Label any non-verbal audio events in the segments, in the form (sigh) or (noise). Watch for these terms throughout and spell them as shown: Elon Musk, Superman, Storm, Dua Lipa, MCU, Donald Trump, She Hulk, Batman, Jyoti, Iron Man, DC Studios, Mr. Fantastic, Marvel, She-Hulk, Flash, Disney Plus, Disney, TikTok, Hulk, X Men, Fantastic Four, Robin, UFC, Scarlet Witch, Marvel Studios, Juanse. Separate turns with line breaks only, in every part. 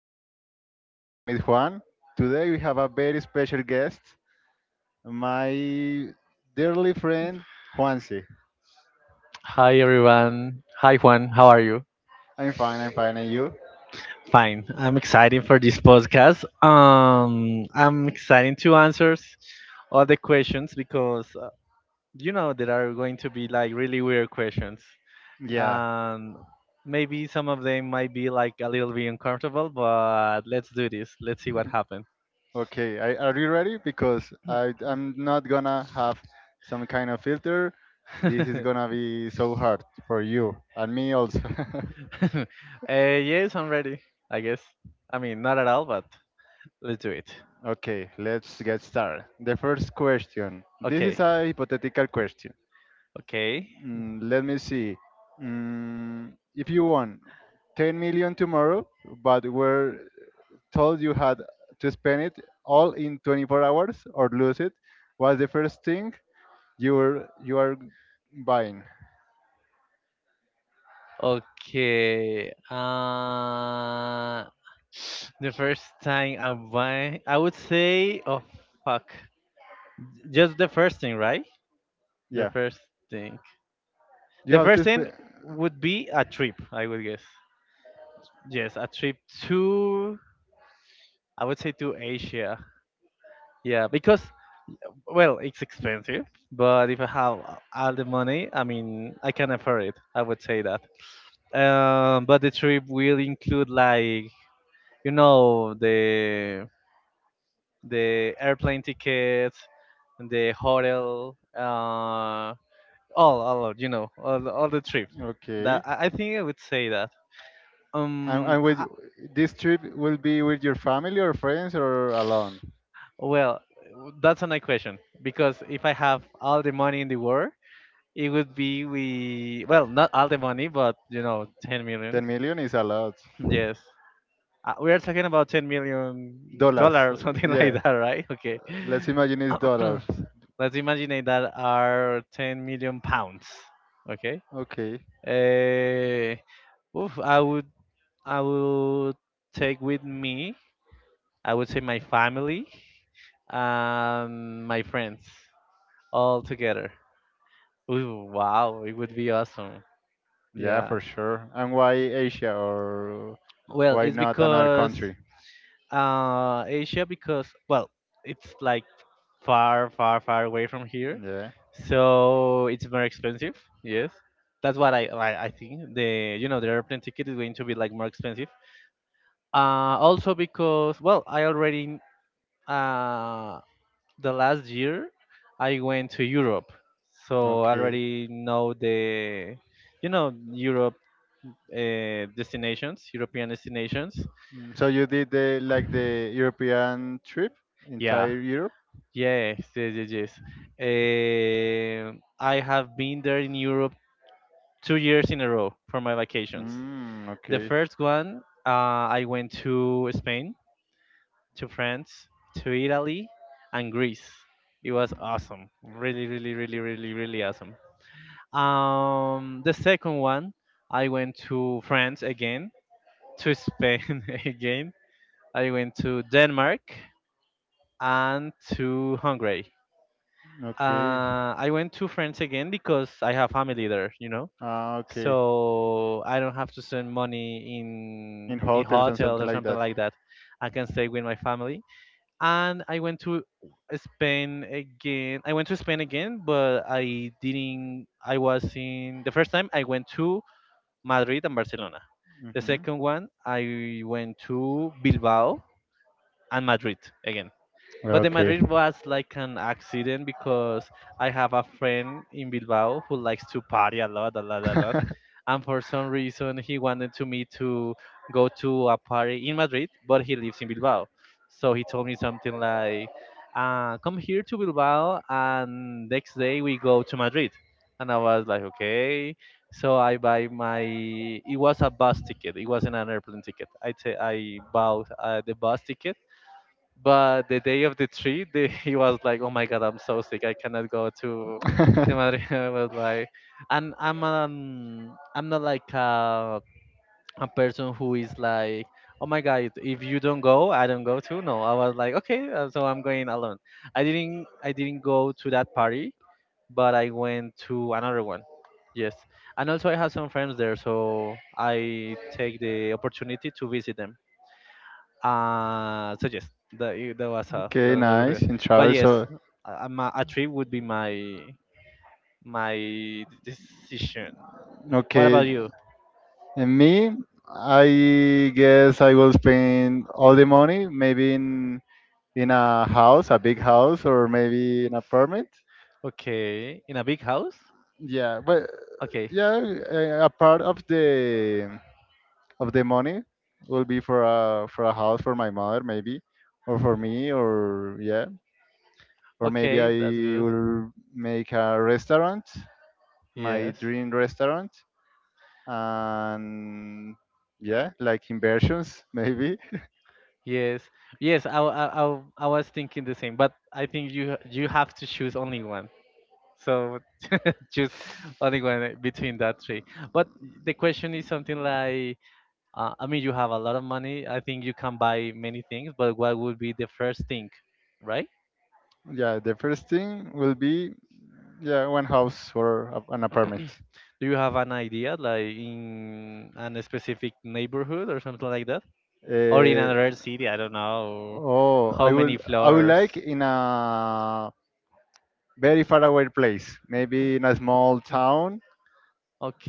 is my podcast. My name is Juan. Today we have a very special guest, my dearly friend, Juanse.
Hi everyone. Hi Juan. How are you?
I'm fine, I'm fine. And you?
Fine. I'm excited for this podcast. I'm excited to answer all the questions because there are going to be like really weird questions.
Yeah.
Um, maybe some of them might be like a little bit uncomfortable, but let's do this. Let's see what happens.
Okay. Are you ready? Because I'm not gonna have some kind of filter.
(laughs)
This is
uh,
gonna be so hard for you and me also. (laughs)
yes, I'm ready. I guess. I mean, not at all, but let's do it.
Okay, let's get started. The first question. This is
Okay.
a hypothetical question.
Okay.
Let me see. If you won 10 million tomorrow, but were told you had to spend it all in 24 hours or lose it, what's the first thing you are buying?
Okay. The first time I buy, I would say, oh fuck, just the first thing, right? The
Yeah,
first thing.
you
The
have to
first thing
spend.
would be a trip, I would guess. Yes, a trip to, I would say to Asia. Yeah, because well, it's expensive, but if I have all the money, I mean, I can afford it. I would say that. But the trip will include like the airplane ticket the hotel all all the trip that
Okay.
I think I would say that
And,
um
and with
I,
this trip, will be with your family or friends or alone?
well that's a nice question because if I have all the money in the world it would be we well not all the money but you know 10 million
10 million is a lot.
(laughs) yes we are talking about 10 million
Dollars.
dollars something (laughs) like
Yeah.
that right okay
Let's imagine it's dollars.
(clears throat) Let's imagine that are 10 million pounds. Okay.
Okay.
Uh, oof, I would take with me. I would say my family and my friends all together. Ooh, wow, it would be awesome.
Yeah,
Yeah.
for sure. And why Asia or
Well,
why
it's
not another
because
country?
Asia because well, it's like far, far, far away from here,
Yeah.
so it's more expensive. Yes, that's what I think. The the airplane ticket is going to be like more expensive. Also because well, I already uh the last year I went to Europe, so I
Okay.
already know the Europe destinations, European destinations.
So you did, the like, the European trip,
Yeah,
entire Europe?
yes, yes, yes, yes. Eh, I have been there in Europe 2 years in a row for my vacations.
Mm,
The
okay.
first one, I went to Spain, to France, to Italy, and Greece. It was awesome. Really, really, really, really, really awesome. The second one, I went to France again, to Spain (laughs) again. I went to Denmark and to Hungary.
Okay.
I went to France again because I have family there, you know.
Ah, okay.
So I don't have to spend money
In
in
hotels and
hotels
something
or
like
something
that.
like that. I can stay with my family. And I went to Spain again. I went to Spain again, but I didn't. I was in the first time I went to Madrid and Barcelona. The
Hmm.
second one I went to Bilbao and Madrid again. But the
Okay.
Madrid was like an accident because I have a friend in Bilbao who likes to party a lot, a lot, a lot.
(laughs)
And for some reason, he wanted to me to go to a party in Madrid, but he lives in Bilbao. So he told me something like, come here to Bilbao, and next day we go to Madrid. And I was like, okay. So I buy my. It was a bus ticket. It wasn't an airplane ticket. I bought the bus ticket but the day of the trip, (laughs) he was like, "Oh my God, I'm so sick. I cannot go to Madrid." (laughs) I was like, and I'm not like a person who is like, "Oh my God, if you don't go, I don't go too." No, I was like, "Okay, so I'm going alone." I didn't go to that party, but I went to another one. Yes, and also I have some friends there, so I take the opportunity to visit them. So yes, that
okay,
was my
nice.
preference.
In
But
travel,
yes,
so
a trip would be my my decision. What about
okay.
you?
And me, I guess I will spend all the money, maybe in a house, a big house, or maybe in apartment.
Okay, in a big house.
Yeah, but
Okay,
yeah, a part of the money will be for a house for my mother, maybe, or for me, or yeah, or maybe
okay, that's
I
good.
will make a restaurant, my
Yes,
dream restaurant, and yeah, like inversions, (laughs) maybe.
yes, yes. I was thinking the same, but I think you have to choose only one. So (laughs) choose only one between that three. But the question is something like I mean, you have a lot of money. I think you can buy many things, but what would be the first thing, right?
Yeah, the first thing will be, yeah, one house or an
(clears throat)
apartment.
Do you have an idea, like in an specific neighborhood or something like that? Or in
Uh,
another city, I don't know.
oh,
How many
I would
floors?
like in a very far away place, maybe in a small town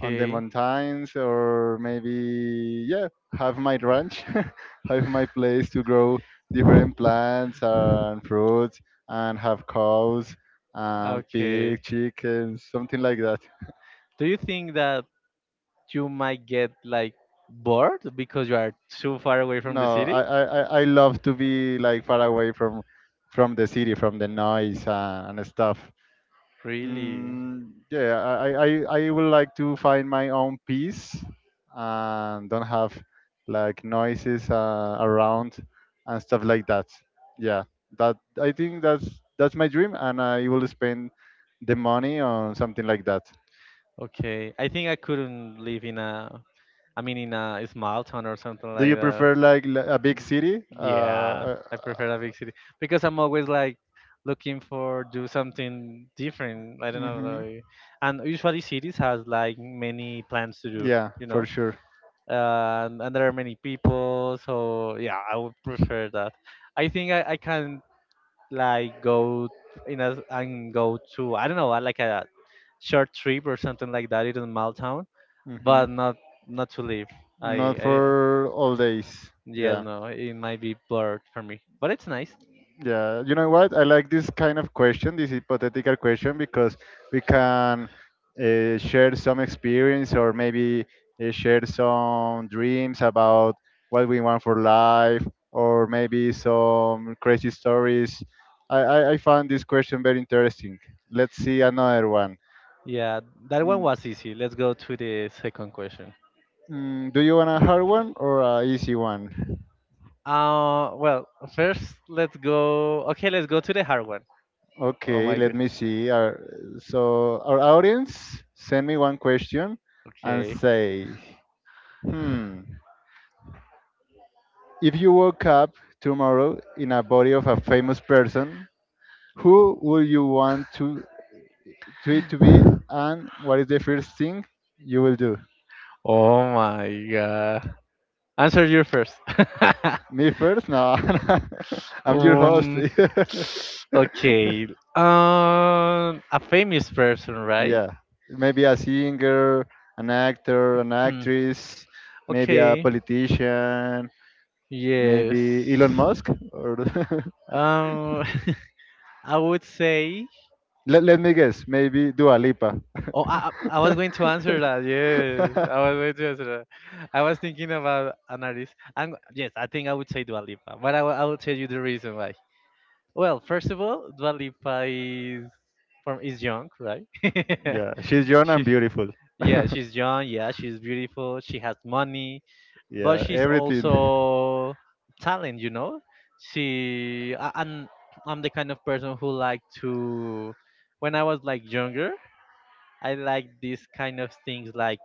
on the mountains, or maybe yeah have my ranch, (laughs) have my place to grow different plants and fruits, and have cows and
okay.
pig, chickens, something like that.
Do you think that you might get like bored because you are too far away from the
No, I,
city?
I, I I love to be like far away from the city, from the noise, and stuff.
Really?
Yeah, I would like to find my own peace and don't have like noises, around and stuff like that. Yeah, that I think that's my dream, and I will spend the money on something like that.
Okay. I think I couldn't live in a, I mean, in a small town or something
Do
like
you
that.
prefer like a big city?
Yeah, I prefer a big city because I'm always like looking for do something different. I don't know,
Hmm.
like, and usually cities has like many plans to do,
Yeah,
you
for
know,
sure.
and there are many people. So yeah, I would prefer that. I think I can like go in a and go to I don't know, like a short trip or something like that in Maltown, town,
Hmm.
but not not to live. I
Not
I
for all days.
yeah
Yeah.
no, it might be blurred for me, but it's nice.
Yeah. You know what? I like this kind of question, this hypothetical question, because we can, share some experience, or maybe, share some dreams about what we want for life or maybe some crazy stories. I found this question very interesting. Let's see another one.
Yeah, that one
Mm.
was easy. Let's go to the second question.
Do you want a hard one or a easy one?
Well, first let's go. Okay, let's go to the hard one. Oh
Okay,
my
let
god.
me see. So our audience, send me one question and
Okay.
say, hmm, if you woke up tomorrow in a body of a famous person, who would you want to it to be, and what is the first thing you will do?
Oh my god. Answer you first.
Me first? No, (laughs) I'm your host.
(laughs) um.
(laughs)
Okay. A famous person, right?
Yeah,
(clears throat)
maybe a singer, an actor, an
Hmm.
actress, maybe a
okay.
politician, maybe Elon
Yes.
Musk, or
Um. (laughs) I would say.
(laughs) let me guess, maybe Dua Lipa.
Oh, I was going to
(laughs)
answer that. Yes, I was going to answer that. I was thinking about an artist. And yes, I think I would say Dua Lipa, but I will tell you the reason why. Well, first of all, Dua Lipa is young, right? (laughs)
Yeah, she's young and
she
beautiful. (laughs)
yeah, she's young. Yeah, she's beautiful. She has money, but
Yeah,
she's
everything.
also talent. You know, she I, I'm the kind of person who like to when I was like younger, I like these kind of things,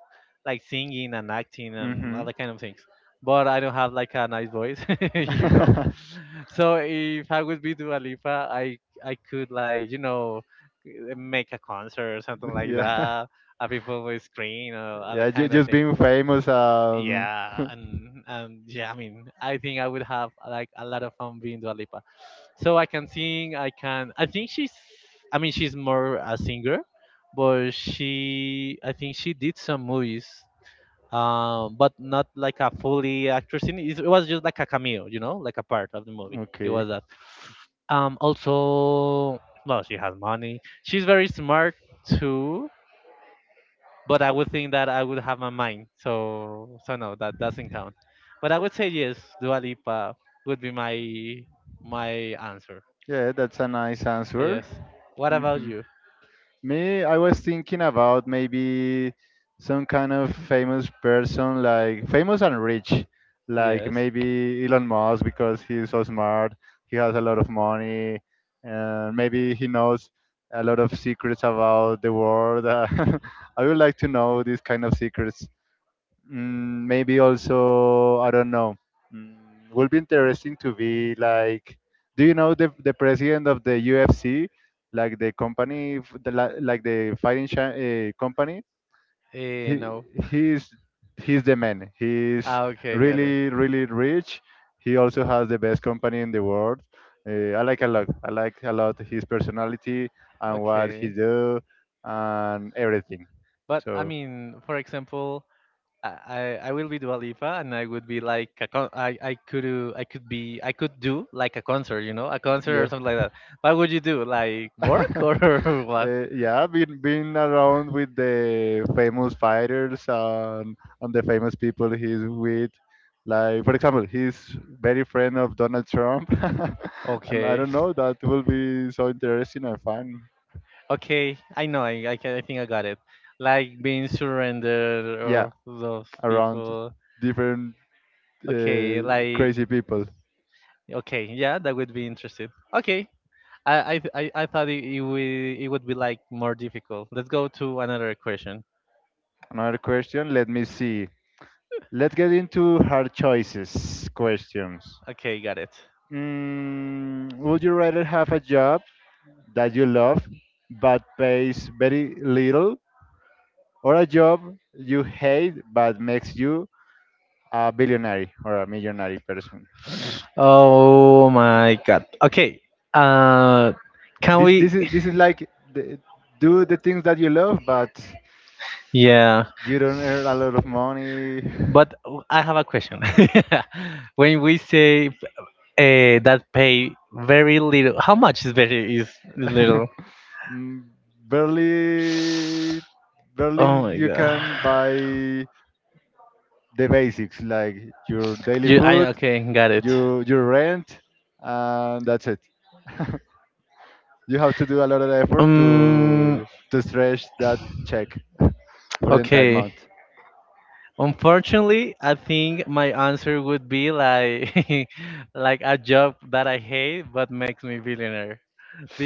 like singing and acting
(laughs)
and all
Hmm.
that kind of things. But I don't have like a nice voice, (laughs) you know.
(laughs)
(laughs) So if I would be Dua Lipa, I could like make a concert or something like
Yeah.
that, and people will scream or other
Yeah,
kind of
just
thing.
being famous.
Yeah,
(laughs)
and yeah, I mean, I think I would have like a lot of fun being Dua Lipa. So I can sing. I can. I think she's. I mean, she's more a singer, but she. I think she did some movies, but not like a fully actress. In it. It was just like a cameo, you know, like a part of the movie. It
Okay.
was that. Also, well, she has money. She's very smart too but I would think that I would have my mind. So no, that doesn't count. But I would say yes, Dua Lipa would be my answer.
Yeah, that's a nice answer.
Yes. What about
Mhm.
you?
Me, I was thinking about maybe some kind of famous person, like famous and rich, like
Yes.
maybe Elon Musk because he's so smart, he has a lot of money, and maybe he knows a lot of secrets about the world. (laughs) I would like to know these kind of secrets. Maybe also, I don't know. Would be interesting to be like, do you know the president of the UFC, like the company, like the fighting company?
Eh,
He
no.
he's he's the man. He's
Ah, okay, got it.
really really rich. He also has the best company in the world. I like a lot. I like a lot his personality and what he
Okay.
do and everything.
But I
So
mean, for example, I, I I will be Dua Lipa and I would be like I could do like a concert, you know, a concert or
yeah.
something like
(laughs)
that. What would you do? Like work or
(laughs)
(laughs) what?
Yeah, been around with the famous fighters and the famous people he's with. Like for example, he's very friend of Donald Trump, (laughs) and I
Okay.
don't know that will be so interesting and fun.
Okay, I know. I think I got it. Like being surrendered
Yeah,
or those
around
people.
different,
Okay, like
crazy people.
okay, yeah, that would be interesting. Okay, I thought it would be like more difficult. Let's go to another question.
Another question. Let me see. Let's get into hard choices questions.
Okay, got it.
Would you rather have a job that you love but pays very little, or a job you hate but makes you a billionaire or a millionaire person?
Oh my God. Okay. Uh, can we?
This is
(laughs)
like the, do the things that you love but
Yeah,
you don't earn a lot of money.
but I have a question. (laughs) When we say that pay very little, how much is little?
(laughs) Mm, barely barely
Oh my
you
God.
can buy the basics, like your daily
I
food,
okay, got it.
your rent, and that's it. (laughs) You have to do a lot of effort
Um,
to stretch that check (laughs) for the entire
okay.
month.
Unfortunately, I think my answer would be like (laughs) like a job that I hate but makes me billionaire.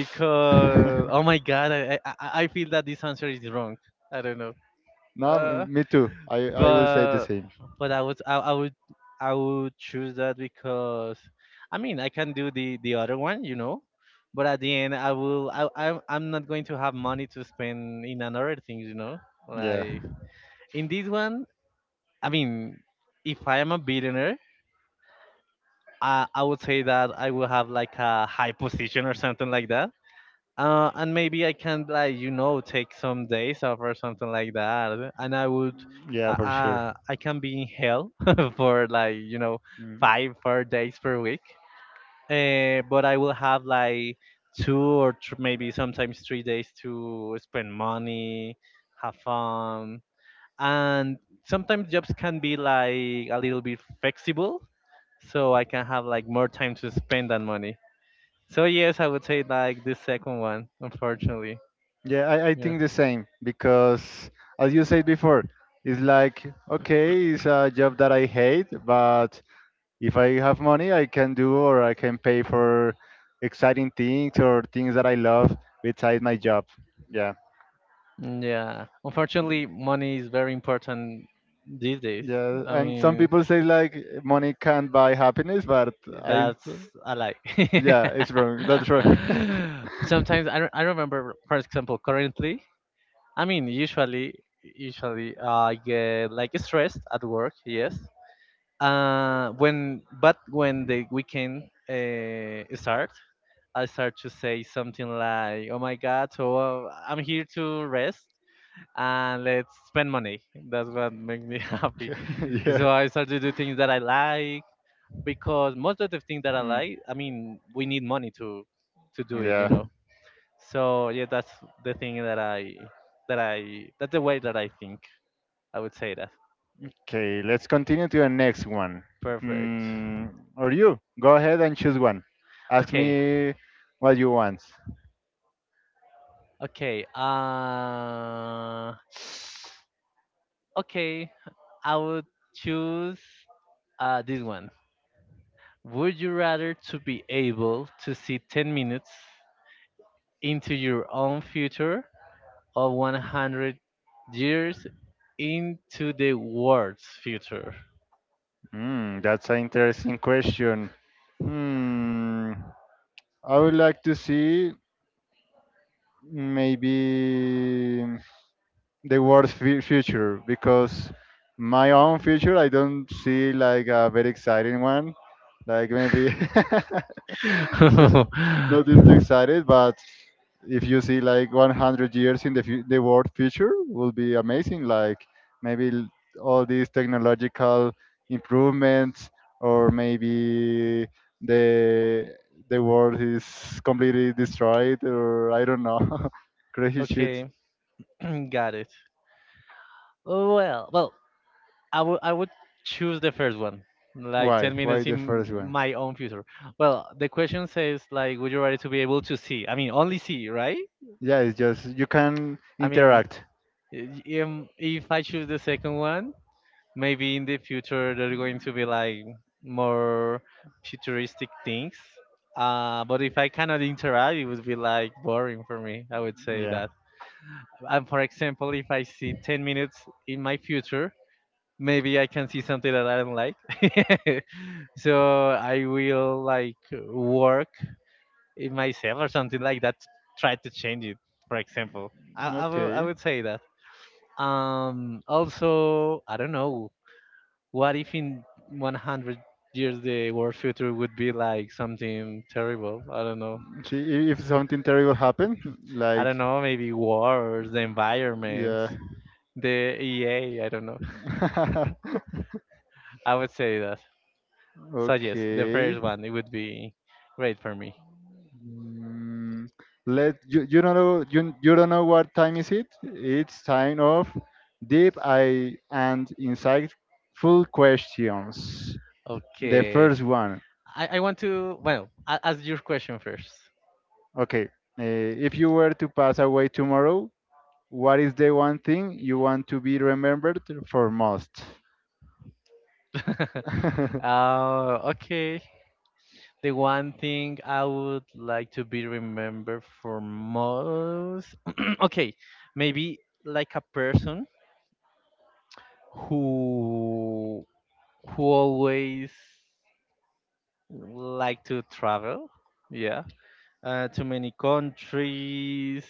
(laughs) No,
oh my god, I feel that this answer is wrong. I don't know. Uh,
me too. I will say the
but
same.
but I would I, I would I would choose that because I mean I can do the other one, you know. But at the end, I'm not going to have money to spend in another thing, you know.
Yeah,
Like in this one, I mean, if I am a billionaire. I would say that I will have like a high position or something like that. And maybe I can like you know take some days off or something like that, and I would,
yeah, for sure.
I can be in hell (laughs) for like you know
Mm.
5 4 days per week. But I will have like two or thr maybe sometimes 3 days to spend money, have fun, and sometimes jobs can be like a little bit flexible, so I can have like more time to spend that money. So yes, I would say like the second one, unfortunately.
Yeah, I think the same, because, as you said before, it's like, okay, it's a job that I hate, but if I have money, I can do or I can pay for exciting things or things that I love besides my job. Yeah.
Yeah, unfortunately, money is very important these days.
Yeah.
I
And some
mean,
people say like money can't buy happiness, but I,
that's a lie.
yeah, it's wrong. That's wrong.
(laughs) Sometimes I remember, for example, currently, I mean, usually I get like
(laughs)
stressed at work, yes. When but when the weekend start, I start to say something like, "Oh my God, so I'm here to rest," and let's spend money. That's what makes me (laughs)
(laughs)
happy.
Off. (laughs)
So I start to do things that I like because most of the things that I like, I mean, we need money to do it,
Yeah.
So yeah, that's the thing that I, that's the way that I think. I would say that.
Okay, let's continue to the next one.
Perfect.
Hmm. Or you, go ahead and choose one. Ask
Okay.
me what you want.
Okay. (sighs) Okay. I would choose this one. Would you rather to be able to see 10 minutes into your own future or 100 years into the world's future?
Hmm, that's an interesting question. Hmm, I would like to see maybe the worst future, because my own future I don't see like a very exciting one. Like maybe (laughs) n-
(laughs)
nothing too excited, but if you see like 100 years in the world future, will be amazing, like maybe all these technological improvements, or maybe the the world is completely destroyed, or I don't know, (laughs) crazy shit.
Okay, (clears throat) got it. Well, well, I would choose the first one, like
why
ten
why
minutes in
the first one?
my own future. Well, the question says like, would you rather to be able to see? I mean, only see, right?
Yeah, it's just you can
I mean,
interact.
if I choose the second one, maybe in the future they're going to be
They
like more futuristic things. But if I cannot interact, it would be like boring for me. I would
So,
say
yeah. I.
that. And for example, if I see 10 minutes in my future, maybe I can see something that I don't like.
(laughs)
(laughs) so I will like work in myself or something like that, try to change it, for example. I would say that. Also, I don't know. What if in 100 years the world future would be like something terrible? I don't know.
See, if something terrible happened,
I don't
like,
know, maybe wars, the environment,
yeah.
the EA, I don't know. (laughs)
(laughs)
I would say that. So yes, the
Okay.
first one, it would be great for me.
Mm, let You don't know, you don't know what time is it? It's time of deep eye and insightful questions. The
Okay.
first one.
I want to, well, ask your question first.
Okay. If you were to pass away tomorrow, what is the one thing you want to be remembered for most?
(laughs)
(laughs)
Okay The one thing I would like to be remembered for most, (clears throat) okay, maybe like a person who who always like to travel, yeah, to many countries,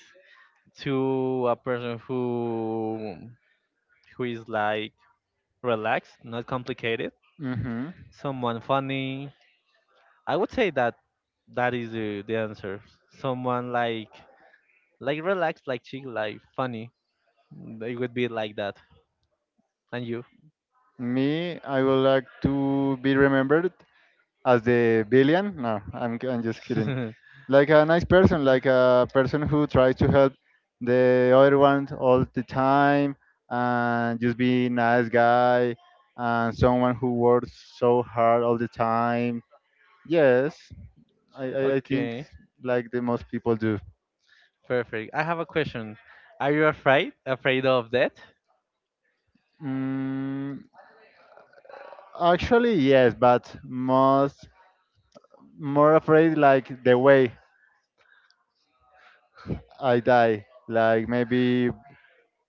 to a person who is like relaxed, not complicated,
Hmm.
someone funny. I would say that that is the answer. Someone like relaxed, like chill, like funny. It would be like that. And you?
Me, I would like to be remembered as the villain. No, I'm just kidding.
(laughs)
Like a nice person, like a person who tries to help the other one all the time and just be nice guy and someone who works so hard all the time. Yes, I think
okay,
like the most people do.
perfect. I have a question. Are you afraid? Afraid of death?
Mm, Actually, yes, but most more afraid like the way I die, like maybe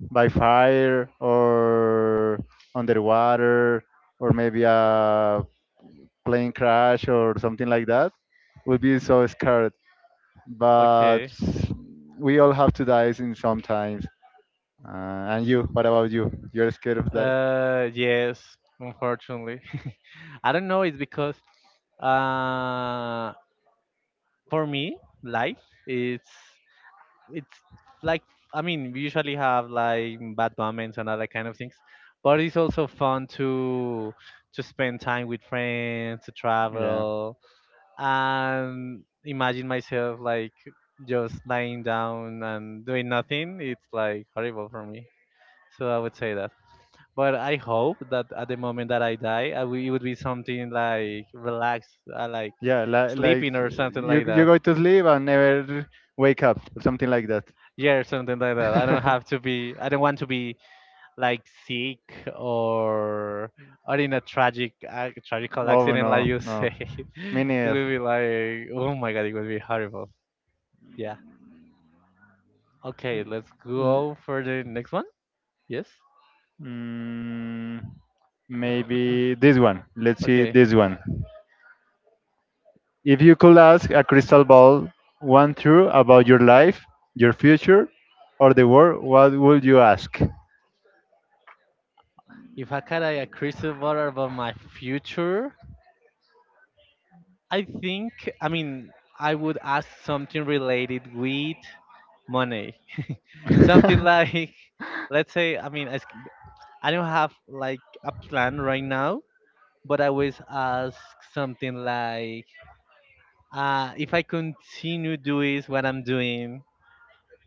by fire or underwater or maybe a plane crash or something like that, would be so scared. But
Okay.
we all have to die in sometimes. Uh, and you, what about you? You're scared of die?
Yes, unfortunately. (laughs) I don't know. It's because uh, for me, life it's it's like I mean, we usually have like bad moments and other kind of things, but it's also fun to spend time with friends, to
Yeah.
travel, and imagine myself like just lying down and doing nothing, it's like horrible for me. So I would say that, but I hope that at the moment that I die I w- it would be something like relaxed, like
Yeah, like
sleeping or something like
you
that.
go to sleep and never wake up or something like that.
Yeah, something like that.
(laughs)
I don't want to be like sick or in a tragical
Oh,
accident
no,
like you
no.
say. (laughs)
Me
it
neither.
would be like, oh my god, it would be horrible. Yeah. Okay, let's
L-
go for the next one. Yes?
Mm, Maybe this one. Let's see
Okay.
this one. If you could ask a crystal ball one truth about your life, your future, or the world, what would you ask?
If I had a crystal ball about my future, I think, I mean, I would ask something related with money. Something like, (laughs) let's say, I mean, I don't have like a plan right now, but I always ask something like, if I continue doing what I'm doing,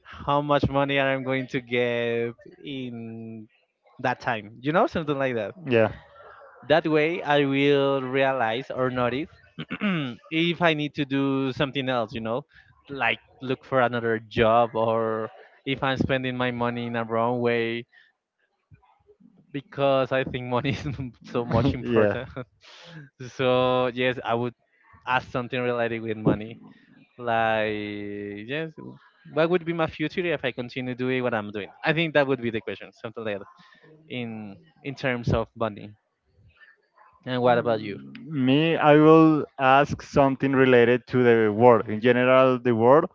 how much money I'm going to
(laughs)
get in that time, you know, something like that.
Yeah.
That way, I will realize or notice (clears throat) if I need to do something else, you know, like look for another job or if I'm spending my money in a wrong way because I think money is (laughs) so much
(laughs) Yeah.
important. (laughs) so, yes, I would ask something related with money. Like, yes, what would be my future if I continue doing what I'm doing? I think that would be the question, something like that, in terms of money. And what about you?
Me, I will ask something related to the world in general, the world.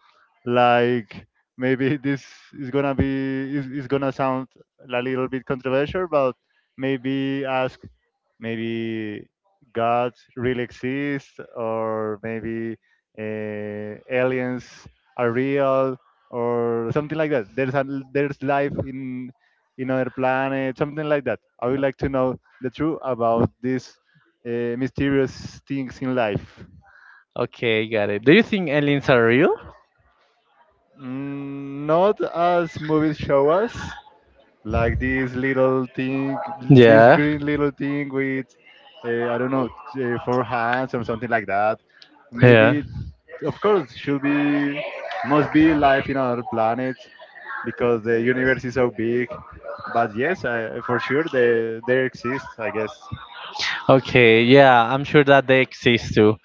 Like maybe this is gonna be, is gonna sound a little bit controversial, but maybe ask, maybe God really exists, or maybe, aliens are real, or something like that. There's life in other planets, something like that. I would like to know the truth about these, mysterious things in life.
Okay, got it. Do you think aliens are real?
Not as movies show us, like this little thing, this
Yeah,
green little thing with, I don't know, four hands or something like that.
yeah.
Maybe, of course, should be, must be life in other planet, because the universe is so big. But yes, I, for sure, they exist, I guess.
Okay, yeah, I'm sure that they exist too.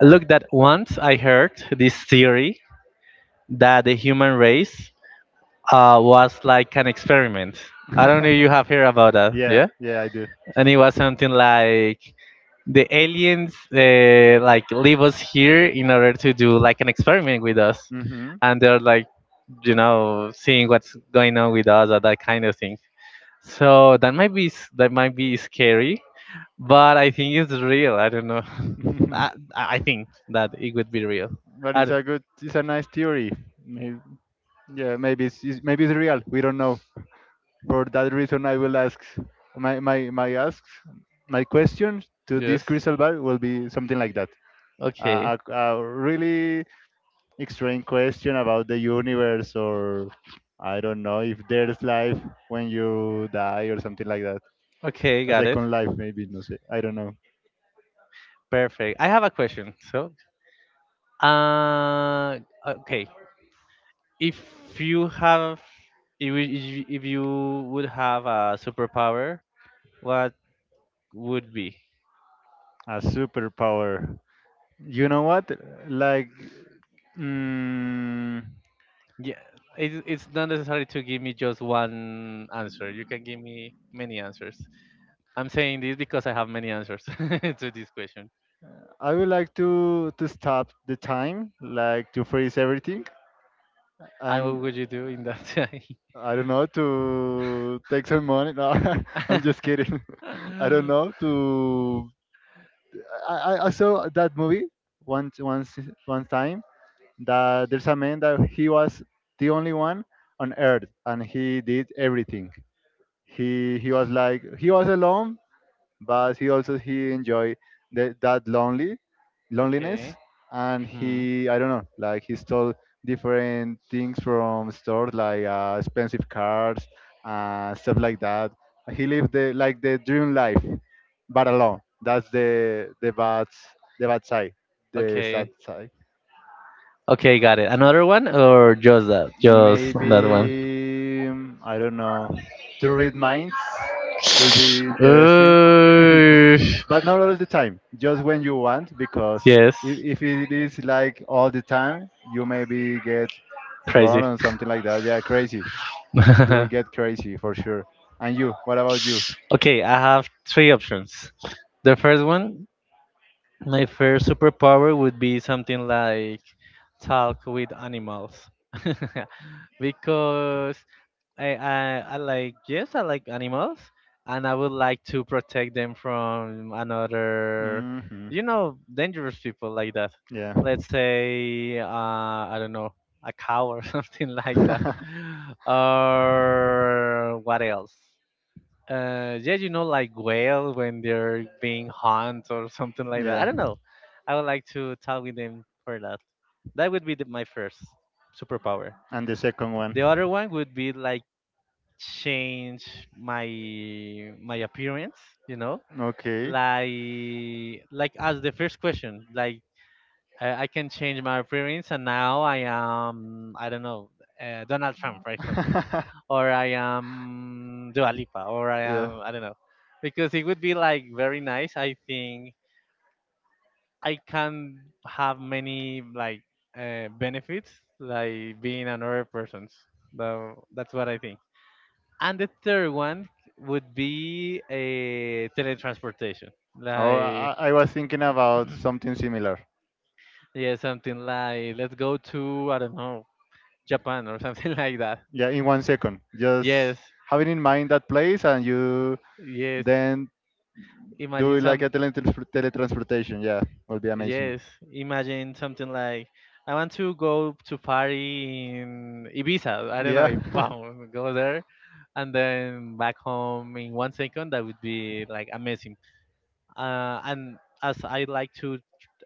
Look, that once I heard this theory that the human race was like an experiment. I don't know if you
(laughs)
have heard about that,
Yeah,
yeah?
yeah, I do.
And it was something like the aliens like leave us here in order to do like an experiment with us,
Mm-hmm.
and they're like, you know, seeing what's going on with us or that kind of thing. So that that might be scary, but I think it's real. I don't know. (laughs)
(laughs)
I think that it would be real.
but
I
it's
d-
a good, It's a nice theory. Maybe, yeah, maybe it's maybe it's real. We don't know. For that reason, I will ask my my my asks my question to this
yes,
crystal ball will be something like that.
okay.
A really extreme question about the universe, or I don't know if there's life when you die or something like that.
Okay,
A
got it.
second life maybe, no sé. I don't know.
Perfect. I have a question. So uh okay, if you have if you if you would have a superpower, what would be?
A superpower. You know what? Like, mm,
Yeah, it, it's not necessary to give me just one answer. You can give me many answers. I'm saying this because I have many answers (laughs) to this question.
I would like to stop the time, like to freeze everything.
And
And
what would you do in that time?
I don't know, to take some money. No, (laughs) I'm just kidding. (laughs) I don't
(laughs)
know. To I saw that movie once one time that there's a man that he was the only one on earth and he did everything. He was like he was alone, but he also he enjoy that that lonely
okay.
loneliness. And
Hmm.
he, I don't know, like he stole different things from stores like expensive cars, stuff like that. He lived the like the dream life, but alone. That's the bad side, the sad
Okay.
side.
Okay, got it. Another one or just that? Just that one.
Maybe I don't know. To read minds will be interesting. (laughs)
Uh,
But not all the time, just when you want, because
yes.
if it is like all the time, you maybe get
Crazy.
burned or something like that. Yeah, crazy. You will
(laughs)
get crazy for sure. And you, what about you?
okay, I have three options. The first one, my first superpower would be something like talk with animals. (laughs) because I like, yes, I like animals, and I would like to protect them from another,
Hmm.
you know, dangerous people like that.
Yeah.
Let's say I don't know, a cow or (laughs) something like that,
(laughs)
or
(laughs)
what else? Yeah, you know, like whale when they're being hunted or something like that. I
Yeah.
don't know. I would like to talk with them for that. That would be my first superpower.
And the second one.
The other one would be like change my appearance, you know,
Okay.
like as the first question, like I can change my appearance and now I am, I don't know, Donald Trump, for example,
(laughs)
or I am Dua Lipa, or I
Yeah.
am, I don't know, because it would be like very nice. I think I can have many like benefits like being another person's. So that's what I think. And the third one would be a teletransportation.
Oh,
Like,
I was thinking about something similar.
yeah, something like, let's go to, I don't know, Japan or something (laughs) like that.
Yeah, in 1 second. Just
Yes,
having in mind that place and you
yes.
then do
Imagine
it like
some,
a teletransportation. Yeah, will be amazing.
yes, imagine something like, I want to go to party in Ibiza. I don't
Yeah.
know, (laughs) boom, go there and then back home in 1 second. That would be like amazing. And as I like to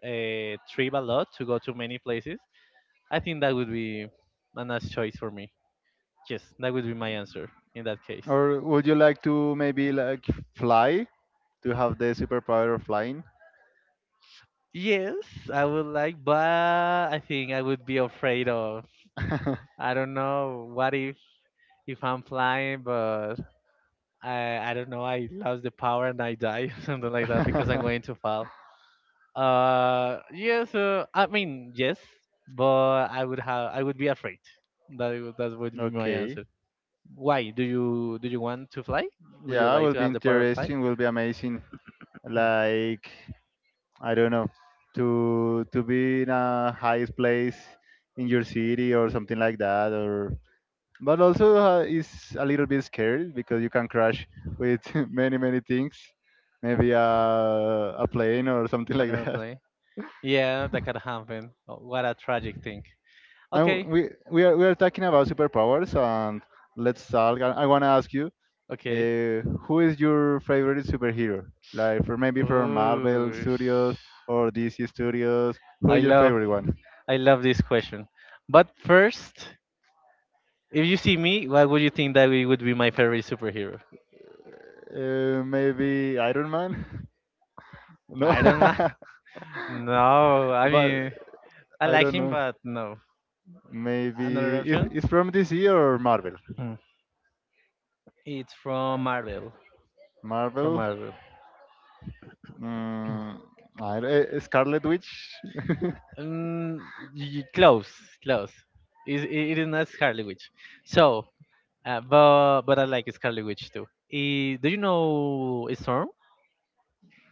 trip a lot to go to many places, I think that would be a nice choice for me. Yes, that would be my answer in that case.
(laughs) Or would you like to maybe like fly, to have the superpower of flying?
Yes, I would like, but I think I would be afraid of.
(laughs)
I don't know what if I'm flying, but I don't know. I lose the power and I die, (laughs) something like that, because I'm going to fall.
(laughs)
Yes. I mean, yes, but I would be afraid. That would be my
Okay.
answer. Why do you want to fly? Would you
Yeah,
like
will
to
be
have the power of flight?
interesting. Will be amazing. Like, I don't know, to be in a highest place in your city or something like that. Or but also is a little bit scary because you can crash with (laughs) many many things, maybe a plane or something (laughs)
An
like that.
airplane? Yeah, that could happen. Oh, what a tragic thing.
And
Okay,
we are talking about superpowers, and let's talk. I want to ask you,
okay.
who is your favorite superhero? Like for maybe from Marvel
Ooh,
Studios or DC Studios. Who
I
is your
love
favorite one?
I love this question. But first, if you see me, what would you think that we would be my favorite superhero?
Maybe Iron Man. (laughs) No,
Iron Man? (laughs) No, I
(laughs) but
mean, I
I
like
don't
him,
know.
but no. Another
Maybe it's
option?
it's from DC or Marvel.
Mm. It's from Marvel. From
Marvel.
Marvel.
Mm, I, eh, Scarlet Witch. (laughs)
Mm, close, close. It is not Scarlet Witch. So, but I like Scarlet Witch too. Eh, do you know Storm?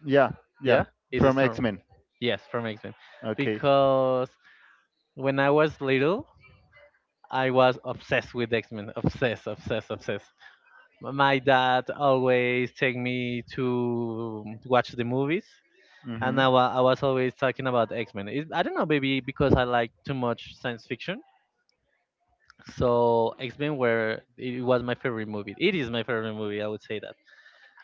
Yeah, yeah,
Yeah, it's
from
Storm.
X Men.
Yes, from X Men.
Okay.
Because when I was little, I was obsessed with X Men. Obsessed, obsessed, obsessed. My dad always take me to watch the movies, and
Mm-hmm.
I was always talking about X Men. I don't know, maybe because I like too much science fiction. So X-Men were it was my favorite movie. It is my favorite movie, I would say that.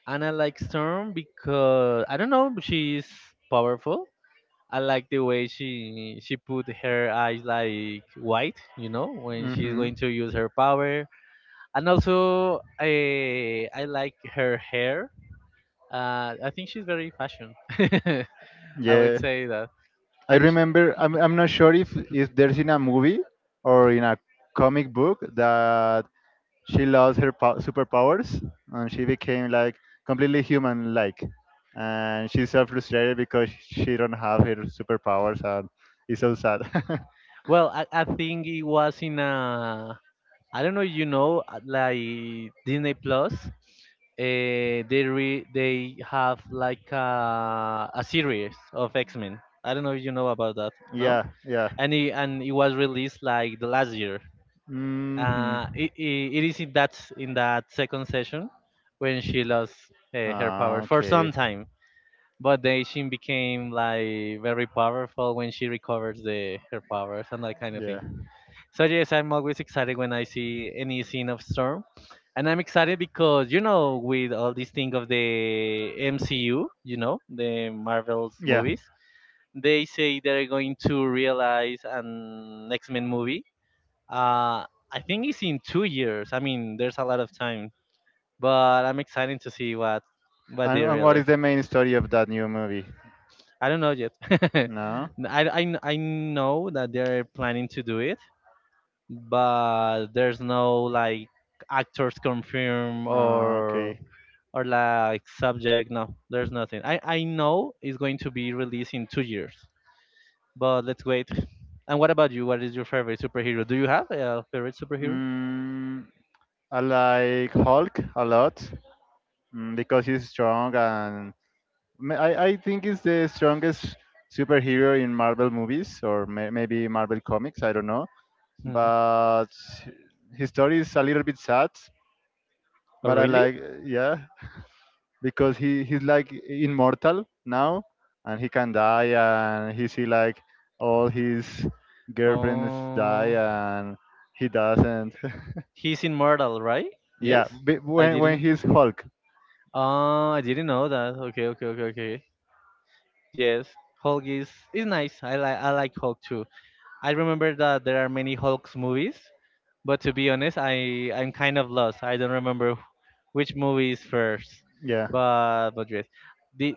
And I like Storm because, I don't know, she's powerful. I like the way she put her eyes like white, you know, when she's
Mm-hmm.
going to use her power. And also I like her hair. I think she's very fashion. (laughs) I would
Yeah.
say that.
I
And sh-
remember. I'm not sure if there's in a movie or in a comic book that she lost her superpowers and she became like completely human like, and she's so frustrated because she don't have her superpowers and it's so sad. (laughs)
well, I think it was in a, I don't know if you know, like Disney Plus, they have like a series of X Men. I don't know if you know about that, no?
Yeah, yeah.
And it was released like the last year.
Hmm.
It is in that in that second session when she lost her power
Ah,
for some
okay.
time, but then she became like very powerful when she recovers the her powers and that kind of
Yeah.
thing. So yes, I'm always excited when I see any scene of Storm, and I'm excited because, you know, with all this thing of the MCU, you know, the Marvel's
Yeah.
movies, they say they're going to realize an X-Men movie. Uh, I think it's in 2 years. I mean, there's a lot of time, but I'm excited to see what they
And what
really.
is the main story of that new movie?
I don't know yet. (laughs)
No.
N- I know that they're planning to do it, but there's no like actors confirm
Ah, okay.
or like subject. No, there's nothing. I know it's going to be released in 2 years, but let's wait. And what about you? What is your favorite superhero? Do you have a favorite superhero?
Mm, I like Hulk a lot. Mm, because he's strong and I think he's the strongest superhero in Marvel movies or maybe Marvel comics, I don't know.
Hmm.
But his story is a little bit sad,
Oh
but I
really?
like. Yeah, because he's like immortal now and he can die and he see like all his girlfriends die
Oh,
and he doesn't.
he's immortal, right?
(laughs) Yeah,
Yes, I
when
didn't.
he's Hulk.
Oh, I didn't know that. Okay, okay, okay, okay. Yes, Hulk is nice. I like Hulk too. I remember that there are many Hulk's movies, but to be honest, I'm kind of lost. I don't remember which movie is first.
Yeah.
But yes, did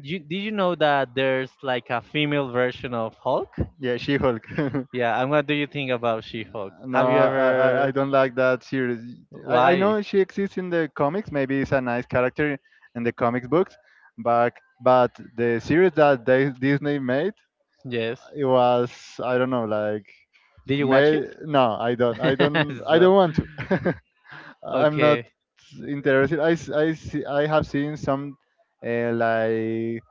did you know that there's like a female version of Hulk?
Yeah, she Hulk. (laughs)
Yeah, and what do you think about She-Hulk? Have
No,
you
I
ever?
don't like that series. I
Why?
know she exists in the comics. Maybe it's a nice character in the comics books, but the series that they, Disney made,
Yes.
it was I don't know like
Did you watch
may
it?
no
(laughs)
I don't
so,
want to. (laughs) I'm not
okay.
interested. I see, I have seen some like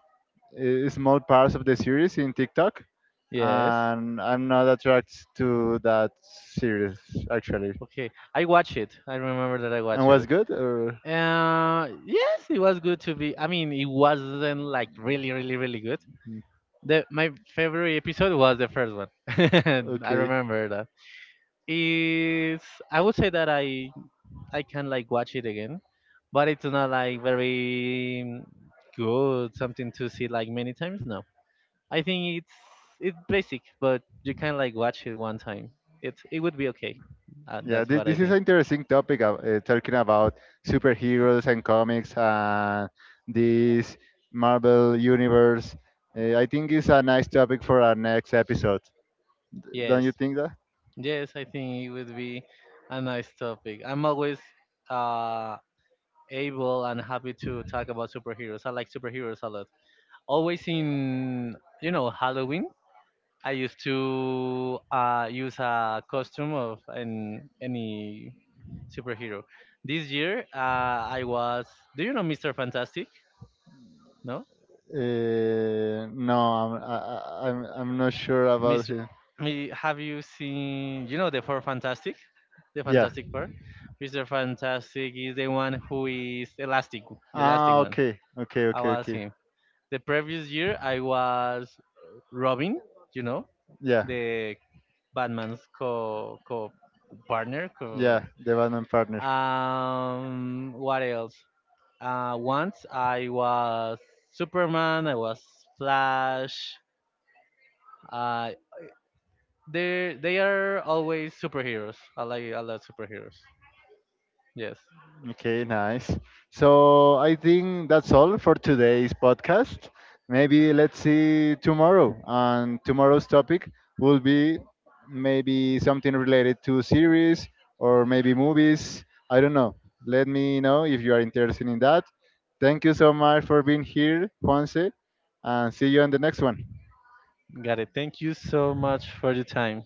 small parts of the series in TikTok,
Yes.
and I'm not attracted to that series actually.
Okay, I watched it. I remember that I
And
watched
was
it.
good? Or
Yes, it was good to be. I mean, it wasn't like really, really, really good. The My favorite episode was the first one. (laughs) I
okay.
remember that. Is I would say that I can like watch it again, but it's not like very good. Something to see like many times. No, I think it's basic, but you can like watch it one time. It would be okay. Uh,
Yeah,
that's what I
this is an
think.
interesting topic of, talking about superheroes and comics and this Marvel universe. I think it's a nice topic for our next episode. Don't
Yes.
you think that?
Yes, I think it would be a nice topic. I'm always uh, able and happy to talk about superheroes. I like superheroes a lot. Always in, you know, Halloween, I used to use a costume of any superhero. This year, I was, do you know Mr. Fantastic? No.
No, I'm not sure about
Mr.
him.
Me, Have you seen, you know, the Four Fantastic? The
Yeah.
Fantastic Four? Mr. Fantastic is the one who is elastic, the elastic
Ah,
one.
okay, okay,
I
okay,
was
okay.
him. The previous year, I was Robin, you know,
Yeah.
the Batman's co co partner. Co
Yeah, the Batman partner.
Um, what else? Once I was Superman, I was Flash. Uh, they are always superheroes. I love superheroes. Yes.
Okay, nice. So I think that's all for today's podcast. Maybe let's see tomorrow. And tomorrow's topic will be maybe something related to series or maybe movies. I don't know. Let me know if you are interested in that. Thank you so much for being here, Juanse, and see you on the next one.
Got it. Thank you so much for your time.